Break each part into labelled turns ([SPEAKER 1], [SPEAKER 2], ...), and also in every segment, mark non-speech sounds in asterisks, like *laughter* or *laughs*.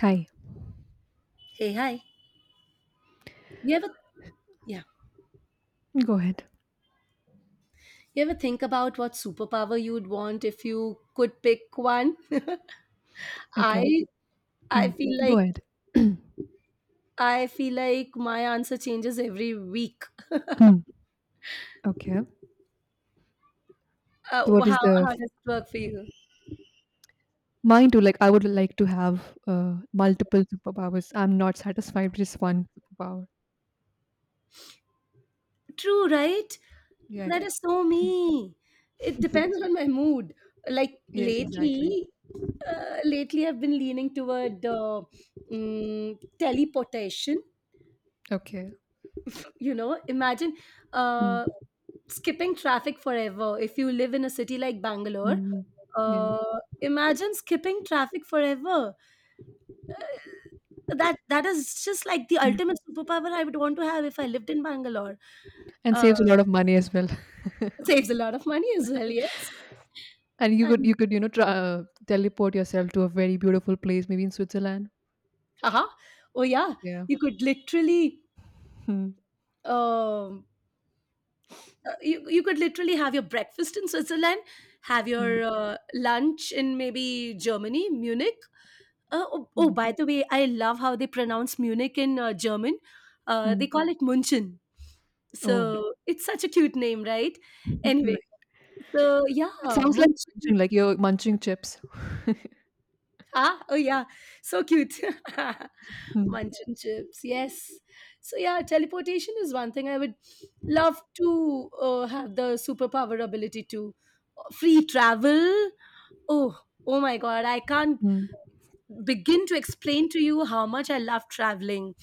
[SPEAKER 1] Hi.
[SPEAKER 2] Hey, hi. You ever, yeah,
[SPEAKER 1] Go ahead.
[SPEAKER 2] you ever think about what superpower you'd want if you could pick one? *laughs*
[SPEAKER 1] Okay.
[SPEAKER 2] I,
[SPEAKER 1] Hmm.
[SPEAKER 2] I feel
[SPEAKER 1] Go
[SPEAKER 2] like,
[SPEAKER 1] ahead.
[SPEAKER 2] I feel like my answer changes every week.
[SPEAKER 1] Hmm. Okay. So,
[SPEAKER 2] Uh,
[SPEAKER 1] What is
[SPEAKER 2] how,
[SPEAKER 1] the
[SPEAKER 2] how
[SPEAKER 1] f-
[SPEAKER 2] does it work for you?
[SPEAKER 1] mine too? Like I would like to have multiple superpowers. I'm not satisfied with just one superpower.
[SPEAKER 2] True, right?
[SPEAKER 1] Yeah.
[SPEAKER 2] That is so me. It depends on my mood. Like
[SPEAKER 1] Yes, exactly.
[SPEAKER 2] lately, lately I've been leaning toward teleportation.
[SPEAKER 1] Okay.
[SPEAKER 2] You know, imagine uh,
[SPEAKER 1] Mm.
[SPEAKER 2] skipping traffic forever if you live in a city like Bangalore.
[SPEAKER 1] Mm. Yeah.
[SPEAKER 2] Uh, imagine skipping traffic forever. That is just like the
[SPEAKER 1] Mm.
[SPEAKER 2] ultimate superpower I would want to have if I lived in Bangalore.
[SPEAKER 1] And
[SPEAKER 2] uh,
[SPEAKER 1] saves a lot of money as well. *laughs*
[SPEAKER 2] Saves a lot of money as well, yes.
[SPEAKER 1] And you could
[SPEAKER 2] And
[SPEAKER 1] you could try, teleport yourself to a very beautiful place, maybe in Switzerland.
[SPEAKER 2] haha, oh yeah,
[SPEAKER 1] Yeah.
[SPEAKER 2] you could literally
[SPEAKER 1] Hmm.
[SPEAKER 2] um you could literally have your breakfast in Switzerland, have
[SPEAKER 1] Hmm.
[SPEAKER 2] your lunch in maybe Germany, Munich. Oh, by
[SPEAKER 1] Hmm.
[SPEAKER 2] the way, I love how they pronounce Munich in German.
[SPEAKER 1] Hmm.
[SPEAKER 2] They call it Munchen. So
[SPEAKER 1] Oh.
[SPEAKER 2] it's such a cute name, right?
[SPEAKER 1] *laughs* Right.
[SPEAKER 2] Anyway, so yeah,
[SPEAKER 1] It sounds like munching,
[SPEAKER 2] Munchen.
[SPEAKER 1] like you're munching chips.
[SPEAKER 2] Ah, oh yeah, so cute. *laughs*
[SPEAKER 1] *laughs*
[SPEAKER 2] Munchen chips, yes. So yeah, teleportation is one thing I would love to have the superpower ability to free travel. Oh, my God, I can't
[SPEAKER 1] Hmm.
[SPEAKER 2] begin to explain to you how much I love traveling.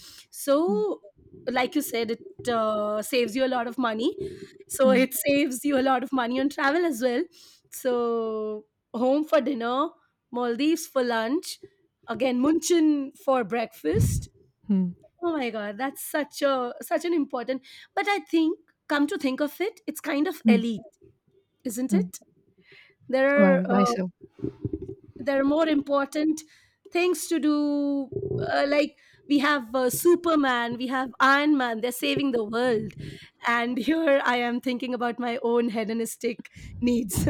[SPEAKER 1] Hmm.
[SPEAKER 2] So, like you said, it saves you a lot of money. So,
[SPEAKER 1] Hmm,
[SPEAKER 2] it saves you a lot of money on travel as well. So, home for dinner, Maldives for lunch, again, Munchen for breakfast.
[SPEAKER 1] hmm,
[SPEAKER 2] Oh my god, that's such an important. But I think, come to think of it, it's kind of
[SPEAKER 1] hmm,
[SPEAKER 2] elite, isn't
[SPEAKER 1] hmm.
[SPEAKER 2] it? There
[SPEAKER 1] Why?
[SPEAKER 2] are
[SPEAKER 1] Why
[SPEAKER 2] uh,
[SPEAKER 1] so?
[SPEAKER 2] there are more important things to do, like we have Superman, we have Iron Man, they're saving the world, and *laughs* here I am thinking about my own hedonistic needs.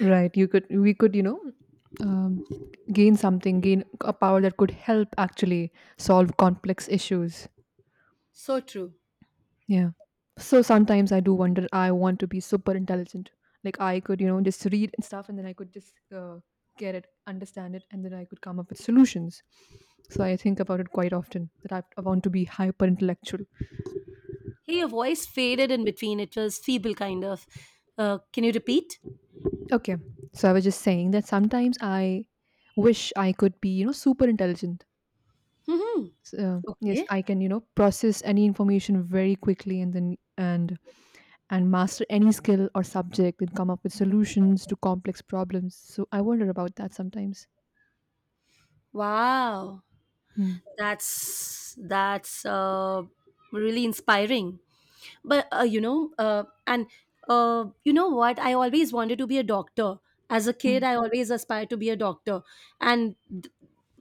[SPEAKER 1] Right. You could. We could. Um, gain something. Gain a power that could help actually solve complex issues.
[SPEAKER 2] *laughs* So true.
[SPEAKER 1] Yeah. So sometimes I do wonder. I want to be super intelligent. Like I could just read and stuff, and then I could just get it, understand it, and then I could come up with solutions. So I think about it quite often that I want to be hyper intellectual.
[SPEAKER 2] Hey, your voice faded in between, it was feeble kind of. Can you repeat?
[SPEAKER 1] Okay. So I was just saying that sometimes I wish I could be super intelligent,
[SPEAKER 2] Hmm,
[SPEAKER 1] yes,
[SPEAKER 2] okay.
[SPEAKER 1] I can process any information very quickly, and then and and master any skill or subject and come up with solutions to complex problems. So I wonder about that sometimes.
[SPEAKER 2] Wow,
[SPEAKER 1] Hmm.
[SPEAKER 2] that's really inspiring. But you know what, I always wanted to be a doctor. As a
[SPEAKER 1] Hmm.
[SPEAKER 2] kid, I always aspired to be a doctor. And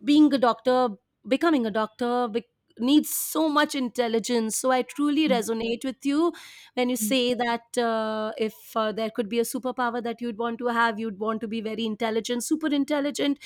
[SPEAKER 2] being a doctor, becoming a doctor bec- needs so much intelligence. So I truly
[SPEAKER 1] Hmm.
[SPEAKER 2] resonate with you when you
[SPEAKER 1] Hmm.
[SPEAKER 2] say that, if there could be a superpower that you'd want to have, you'd want to be very intelligent, super intelligent,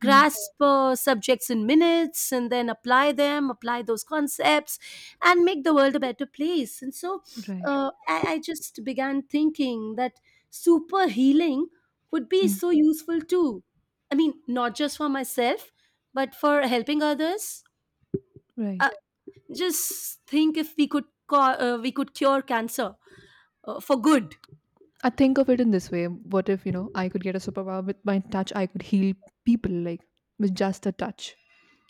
[SPEAKER 1] Hmm.
[SPEAKER 2] subjects in minutes, and then apply them, apply those concepts, and make the world a better place. And so
[SPEAKER 1] Right.
[SPEAKER 2] I just began thinking that super healing would be
[SPEAKER 1] Hmm.
[SPEAKER 2] so useful too. I mean, not just for myself, but for helping others, uh,
[SPEAKER 1] Right.
[SPEAKER 2] just think if we could cure cancer for good.
[SPEAKER 1] I think of it in this way. What if I could get a superpower with my touch. I could heal people, like with just a touch.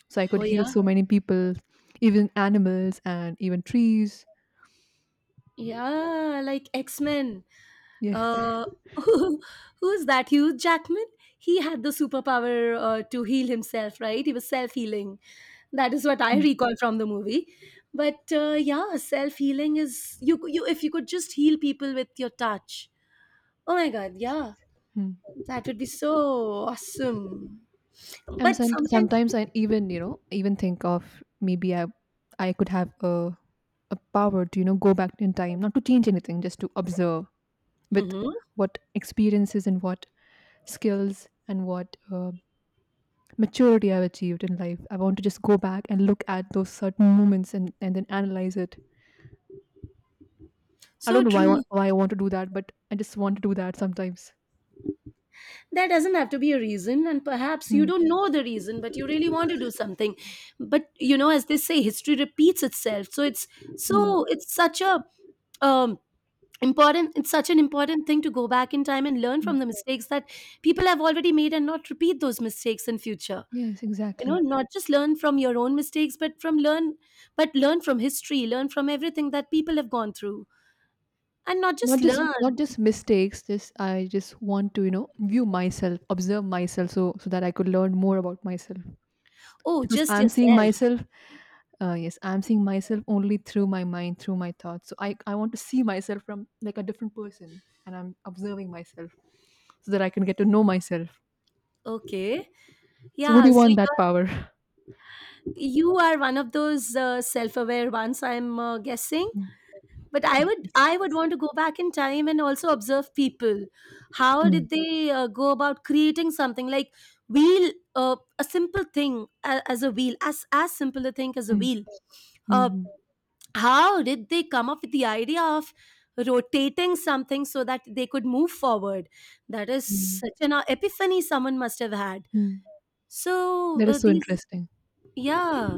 [SPEAKER 1] So I could
[SPEAKER 2] Oh
[SPEAKER 1] heal
[SPEAKER 2] yeah,
[SPEAKER 1] so many people, even animals and even trees.
[SPEAKER 2] yeah, like X Men.
[SPEAKER 1] Yes.
[SPEAKER 2] Uh, *laughs* who's that? Hugh Jackman. He had the superpower to heal himself, right? He was self healing. That is what I
[SPEAKER 1] Hmm.
[SPEAKER 2] recall from the movie. But yeah, self healing is you if you could just heal people with your touch. Oh my god, yeah,
[SPEAKER 1] Hmm.
[SPEAKER 2] that would be so awesome.
[SPEAKER 1] And
[SPEAKER 2] But
[SPEAKER 1] some,
[SPEAKER 2] sometimes
[SPEAKER 1] sometimes I even think of maybe I could have a power to go back in time, not to change anything, just to observe with
[SPEAKER 2] hmm.
[SPEAKER 1] what experiences and what skills and what maturity I've achieved in life. I want to just go back and look at those certain moments and then analyze it. I don't
[SPEAKER 2] So
[SPEAKER 1] know why I want,
[SPEAKER 2] true.
[SPEAKER 1] why I want to do that, but I just want to do that sometimes.
[SPEAKER 2] That doesn't have to be a reason, and perhaps you
[SPEAKER 1] Hmm.
[SPEAKER 2] don't know the reason, but you really want to do something. But you know, as they say, history repeats itself.
[SPEAKER 1] Hmm.
[SPEAKER 2] So it's such a um, important. It's such an important thing to go back in time and learn
[SPEAKER 1] Hmm.
[SPEAKER 2] from the mistakes that people have already made, and not repeat those mistakes in future.
[SPEAKER 1] Yes,
[SPEAKER 2] You know,
[SPEAKER 1] exactly.
[SPEAKER 2] not just learn from your own mistakes, but learn from history, learn from everything that people have gone through, and not just
[SPEAKER 1] Not just not
[SPEAKER 2] learn.
[SPEAKER 1] just mistakes, just I just want to view myself, observe myself so that I could learn more about myself.
[SPEAKER 2] Oh,
[SPEAKER 1] Because
[SPEAKER 2] just
[SPEAKER 1] I'm seeing
[SPEAKER 2] yourself.
[SPEAKER 1] myself, yes, I'm seeing myself only through my mind, through my thoughts. So I want to see myself from like a different person, and I'm observing myself so that I can get to know myself.
[SPEAKER 2] Okay.
[SPEAKER 1] So would
[SPEAKER 2] Yeah,
[SPEAKER 1] you
[SPEAKER 2] so
[SPEAKER 1] want that power?
[SPEAKER 2] you are one of those self-aware ones, I'm guessing.
[SPEAKER 1] Mm,
[SPEAKER 2] But
[SPEAKER 1] yes.
[SPEAKER 2] I would want to go back in time and also observe people. How
[SPEAKER 1] Mm,
[SPEAKER 2] did they go about creating something like wheel, a simple thing a- as a wheel, as simple a thing as a
[SPEAKER 1] mm,
[SPEAKER 2] wheel. uh,
[SPEAKER 1] mm,
[SPEAKER 2] how did they come up with the idea of rotating something so that they could move forward? That is
[SPEAKER 1] mm,
[SPEAKER 2] such an epiphany someone must have had.
[SPEAKER 1] mm.
[SPEAKER 2] So
[SPEAKER 1] That is so
[SPEAKER 2] these
[SPEAKER 1] interesting.
[SPEAKER 2] Yeah,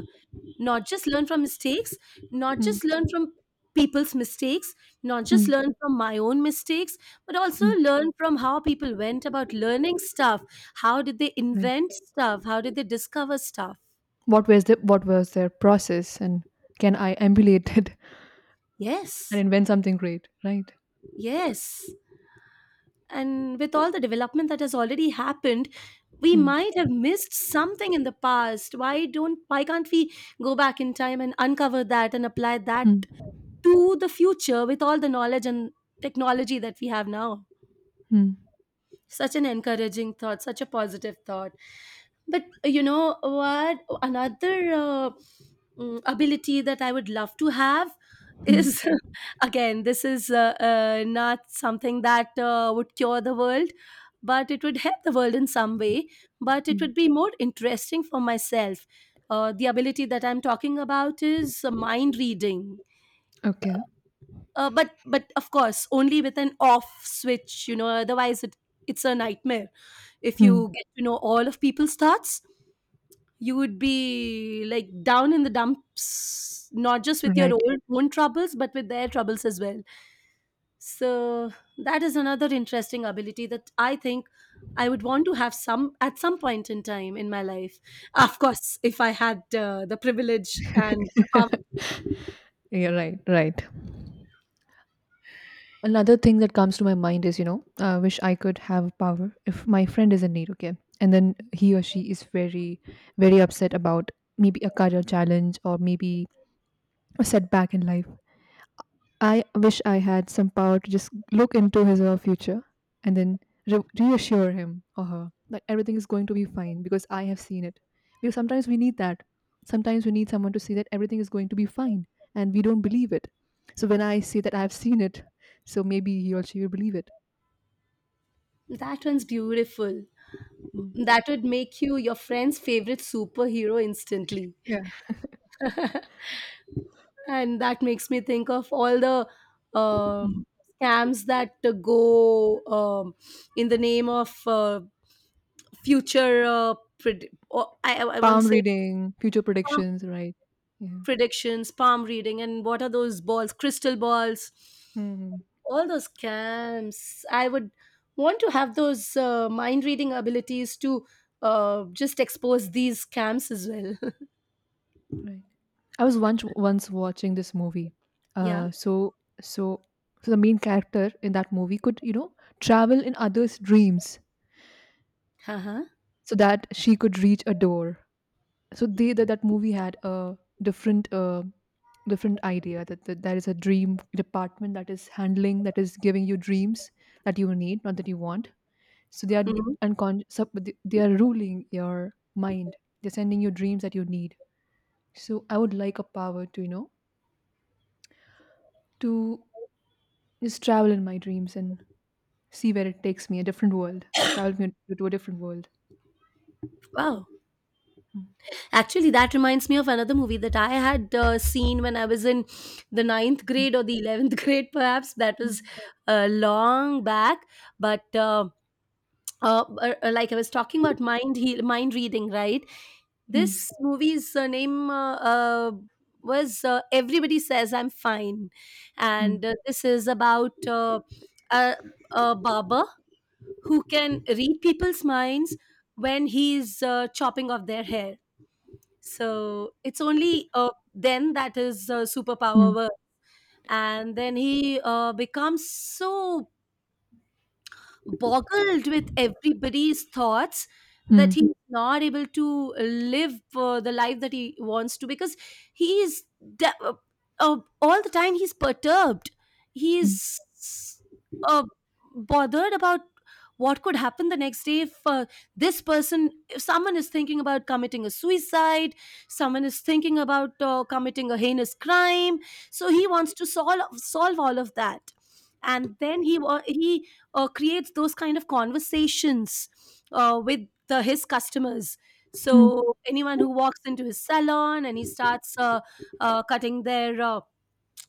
[SPEAKER 2] not just learn from mistakes, not
[SPEAKER 1] Mm,
[SPEAKER 2] just learn from people's mistakes, not just
[SPEAKER 1] mm,
[SPEAKER 2] learn from my own mistakes, but also
[SPEAKER 1] mm.
[SPEAKER 2] learn from how people went about learning stuff. How did they
[SPEAKER 1] Right.
[SPEAKER 2] invent stuff? How did they discover stuff?
[SPEAKER 1] What was their process, and can I emulate it *laughs* and
[SPEAKER 2] Yes,
[SPEAKER 1] invent something great? Right.
[SPEAKER 2] yes. And with all the development that has already happened, we
[SPEAKER 1] Hmm.
[SPEAKER 2] might have missed something in the past. Why can't we go back in time and uncover that and apply that
[SPEAKER 1] Hmm.
[SPEAKER 2] to the future with all the knowledge and technology that we have now?
[SPEAKER 1] Hmm.
[SPEAKER 2] Such an encouraging thought, such a positive thought. But you know what, another ability that I would love to have
[SPEAKER 1] Hmm.
[SPEAKER 2] is, *laughs* again, this is, not something that would cure the world, but it would help the world in some way, but it
[SPEAKER 1] Hmm.
[SPEAKER 2] would be more interesting for myself. The ability that I'm talking about is mind reading.
[SPEAKER 1] Okay.
[SPEAKER 2] But of course only with an off switch, you know, otherwise it's a nightmare. If
[SPEAKER 1] Hmm.
[SPEAKER 2] you get to know all of people's thoughts, you would be like down in the dumps, not just with your
[SPEAKER 1] Right.
[SPEAKER 2] own troubles, but with their troubles as well. So that is another interesting ability that I think I would want to have some at some point in time in my life, of course, if I had the privilege and
[SPEAKER 1] *laughs*
[SPEAKER 2] the power.
[SPEAKER 1] Yeah, right, right. Another thing that comes to my mind is, I wish I could have power if my friend is in need, okay, and then he or she is very, very upset about maybe a career challenge or maybe a setback in life. I wish I had some power to just look into his or her future and then reassure him or her that everything is going to be fine because I have seen it. Because sometimes we need that. Sometimes we need someone to say that everything is going to be fine and we don't believe it. So when I say that I have seen it, so maybe he or she will believe it.
[SPEAKER 2] That one's beautiful.
[SPEAKER 1] Mm.
[SPEAKER 2] That would make you your friend's favorite superhero instantly.
[SPEAKER 1] Yeah.
[SPEAKER 2] And that makes me think of all the
[SPEAKER 1] Mm.
[SPEAKER 2] um, scams that go, in the name of future pred- or I won't
[SPEAKER 1] Palm
[SPEAKER 2] say
[SPEAKER 1] reading, future
[SPEAKER 2] palm
[SPEAKER 1] predictions, right? Yeah.
[SPEAKER 2] predictions, palm reading, and what are those balls, crystal balls.
[SPEAKER 1] Mhm.
[SPEAKER 2] All those scams, I would want to have those mind reading abilities to just expose these scams as well. *laughs*
[SPEAKER 1] Right. I was once watching this movie.
[SPEAKER 2] Yeah.
[SPEAKER 1] Uh, so so so the main character in that movie could travel in others' dreams
[SPEAKER 2] Uh-huh.
[SPEAKER 1] so that she could reach a door. So they that that movie had a different uh, different idea, that there is a dream department that is handling, that is giving you dreams that you need, not that you want. So they are
[SPEAKER 2] Mhm.
[SPEAKER 1] unconscious. They are ruling your mind. They're sending you dreams that you need. So I would like a power to you know to Just travel in my dreams and see where it takes me, a different world. Travel me to a different world.
[SPEAKER 2] Wow.
[SPEAKER 1] Mm,
[SPEAKER 2] Actually, that reminds me of another movie that I had seen when I was in the ninth grade or the 11th *laughs* grade, perhaps. That
[SPEAKER 1] mm,
[SPEAKER 2] was long back. But like I was talking about mind reading, right? This
[SPEAKER 1] mm,
[SPEAKER 2] movie's name was Everybody Says I'm Fine. And
[SPEAKER 1] mm,
[SPEAKER 2] this is about a, a barber who can read people's minds when he's chopping off their hair. So it's only then that his superpower
[SPEAKER 1] mm,
[SPEAKER 2] work. And then he becomes so boggled with everybody's thoughts that
[SPEAKER 1] mm,
[SPEAKER 2] he's not able to live the life that he wants to, because he is de- uh, uh, all the time he's perturbed,
[SPEAKER 1] mm,
[SPEAKER 2] he's uh, bothered about what could happen the next day if this person if someone is thinking about committing a suicide, someone is thinking about committing a heinous crime. So he wants to solve all of that. And then he creates those kind of conversations with his customers.
[SPEAKER 1] mm.
[SPEAKER 2] So anyone who walks into his salon and he starts cutting their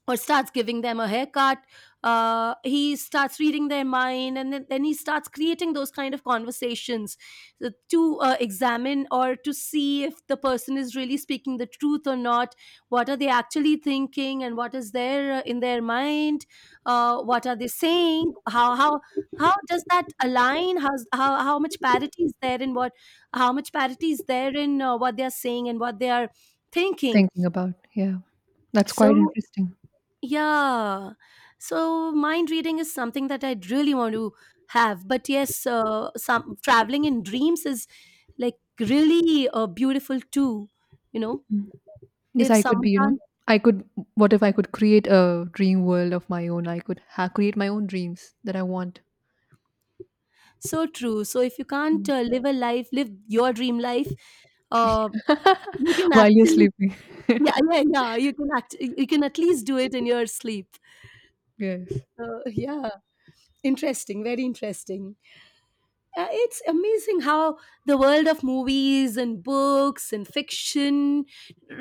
[SPEAKER 2] or starts giving them a haircut. He starts reading their mind, and then he starts creating those kind of conversations to examine or to see if the person is really speaking the truth or not. What are they actually thinking, and what is there in their mind? What are they saying? How does that align? How much parity is there in what? How much parity is there in what they are saying and what they are thinking?
[SPEAKER 1] Thinking about, yeah, that's quite
[SPEAKER 2] So
[SPEAKER 1] interesting.
[SPEAKER 2] yeah. So mind reading is something that I really want to have. But yes, some traveling in dreams is like really beautiful too. You know,
[SPEAKER 1] Mm. Yes,
[SPEAKER 2] if
[SPEAKER 1] I could be,
[SPEAKER 2] someone can't,
[SPEAKER 1] I could, what if I could create a dream world of my own? I could create my own dreams that I want.
[SPEAKER 2] so true. So if you can't
[SPEAKER 1] Mm.
[SPEAKER 2] live a life, live your dream life, uh, you
[SPEAKER 1] *laughs*
[SPEAKER 2] can
[SPEAKER 1] While you're
[SPEAKER 2] actually,
[SPEAKER 1] sleeping. *laughs*
[SPEAKER 2] yeah, yeah, yeah. You can act, you can at least do it in your sleep.
[SPEAKER 1] Yes.
[SPEAKER 2] Yeah, interesting. Very interesting. It's amazing how the world of movies and books and fiction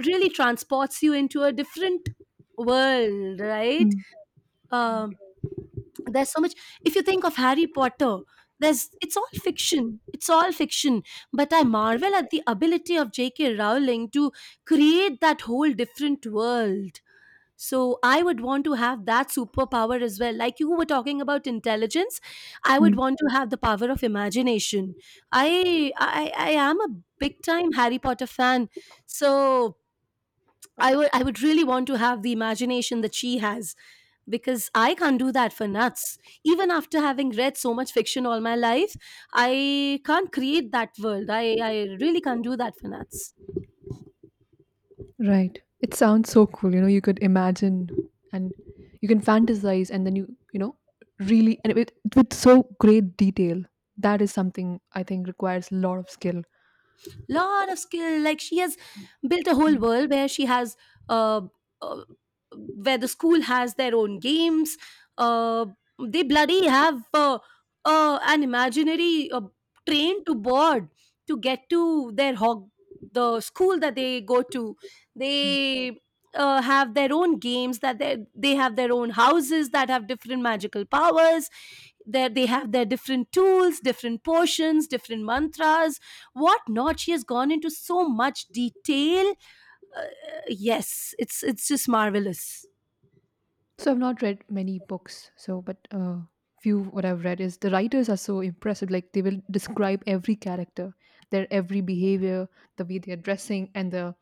[SPEAKER 2] really transports you into a different world, right?
[SPEAKER 1] Mm,
[SPEAKER 2] um there's so much. If you think of Harry Potter, there's it's all fiction, it's all fiction, but I marvel at the ability of JK Rowling to create that whole different world. So I would want to have that superpower as well. Like you were talking about intelligence, I
[SPEAKER 1] yeah.
[SPEAKER 2] would want to have the power of imagination. I am a big time Harry Potter fan, so I would really want to have the imagination that she has, because I can't do that for nuts. Even after having read so much fiction all my life, I can't create that world. I really can't do that for nuts.
[SPEAKER 1] Right. It sounds so cool. You know, you could imagine, and you can fantasize, and then you really, and with so great detail. That is something I think requires a lot of skill.
[SPEAKER 2] Lot of skill, like she has built a whole
[SPEAKER 1] Mm,
[SPEAKER 2] world where she has, uh, uh where the school has their own games. uh they bloody have an imaginary train to board to get to their hog, the school that they go to.
[SPEAKER 1] right.
[SPEAKER 2] They have their own games that they have their own houses that have different magical powers. There they have their different tools, different potions, different mantras, what not. She has gone into so much detail. uh, yes, it's just marvelous.
[SPEAKER 1] So I've not read many books. But few what I've read is the writers are so impressive. Like they will describe every character, their every behavior, the way they're dressing, and the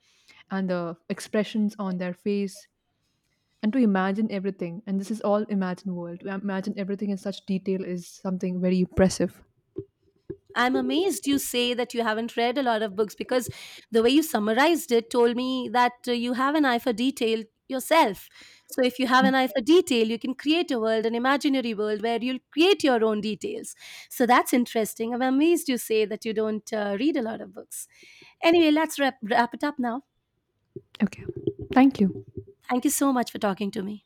[SPEAKER 1] and the expressions on their face, and to imagine everything, and this is all imagined world. To imagine everything in such detail is something very impressive.
[SPEAKER 2] I'm amazed you say that you haven't read a lot of books, because the way you summarized it told me that you have an eye for detail yourself. So if you have an eye for detail, you can create a world, an imaginary world where you'll create your own details. So that's interesting. I'm amazed you say that you don't read a lot of books. Anyway, let's wrap it up now.
[SPEAKER 1] Okay. Thank you.
[SPEAKER 2] Thank you so much for talking to me.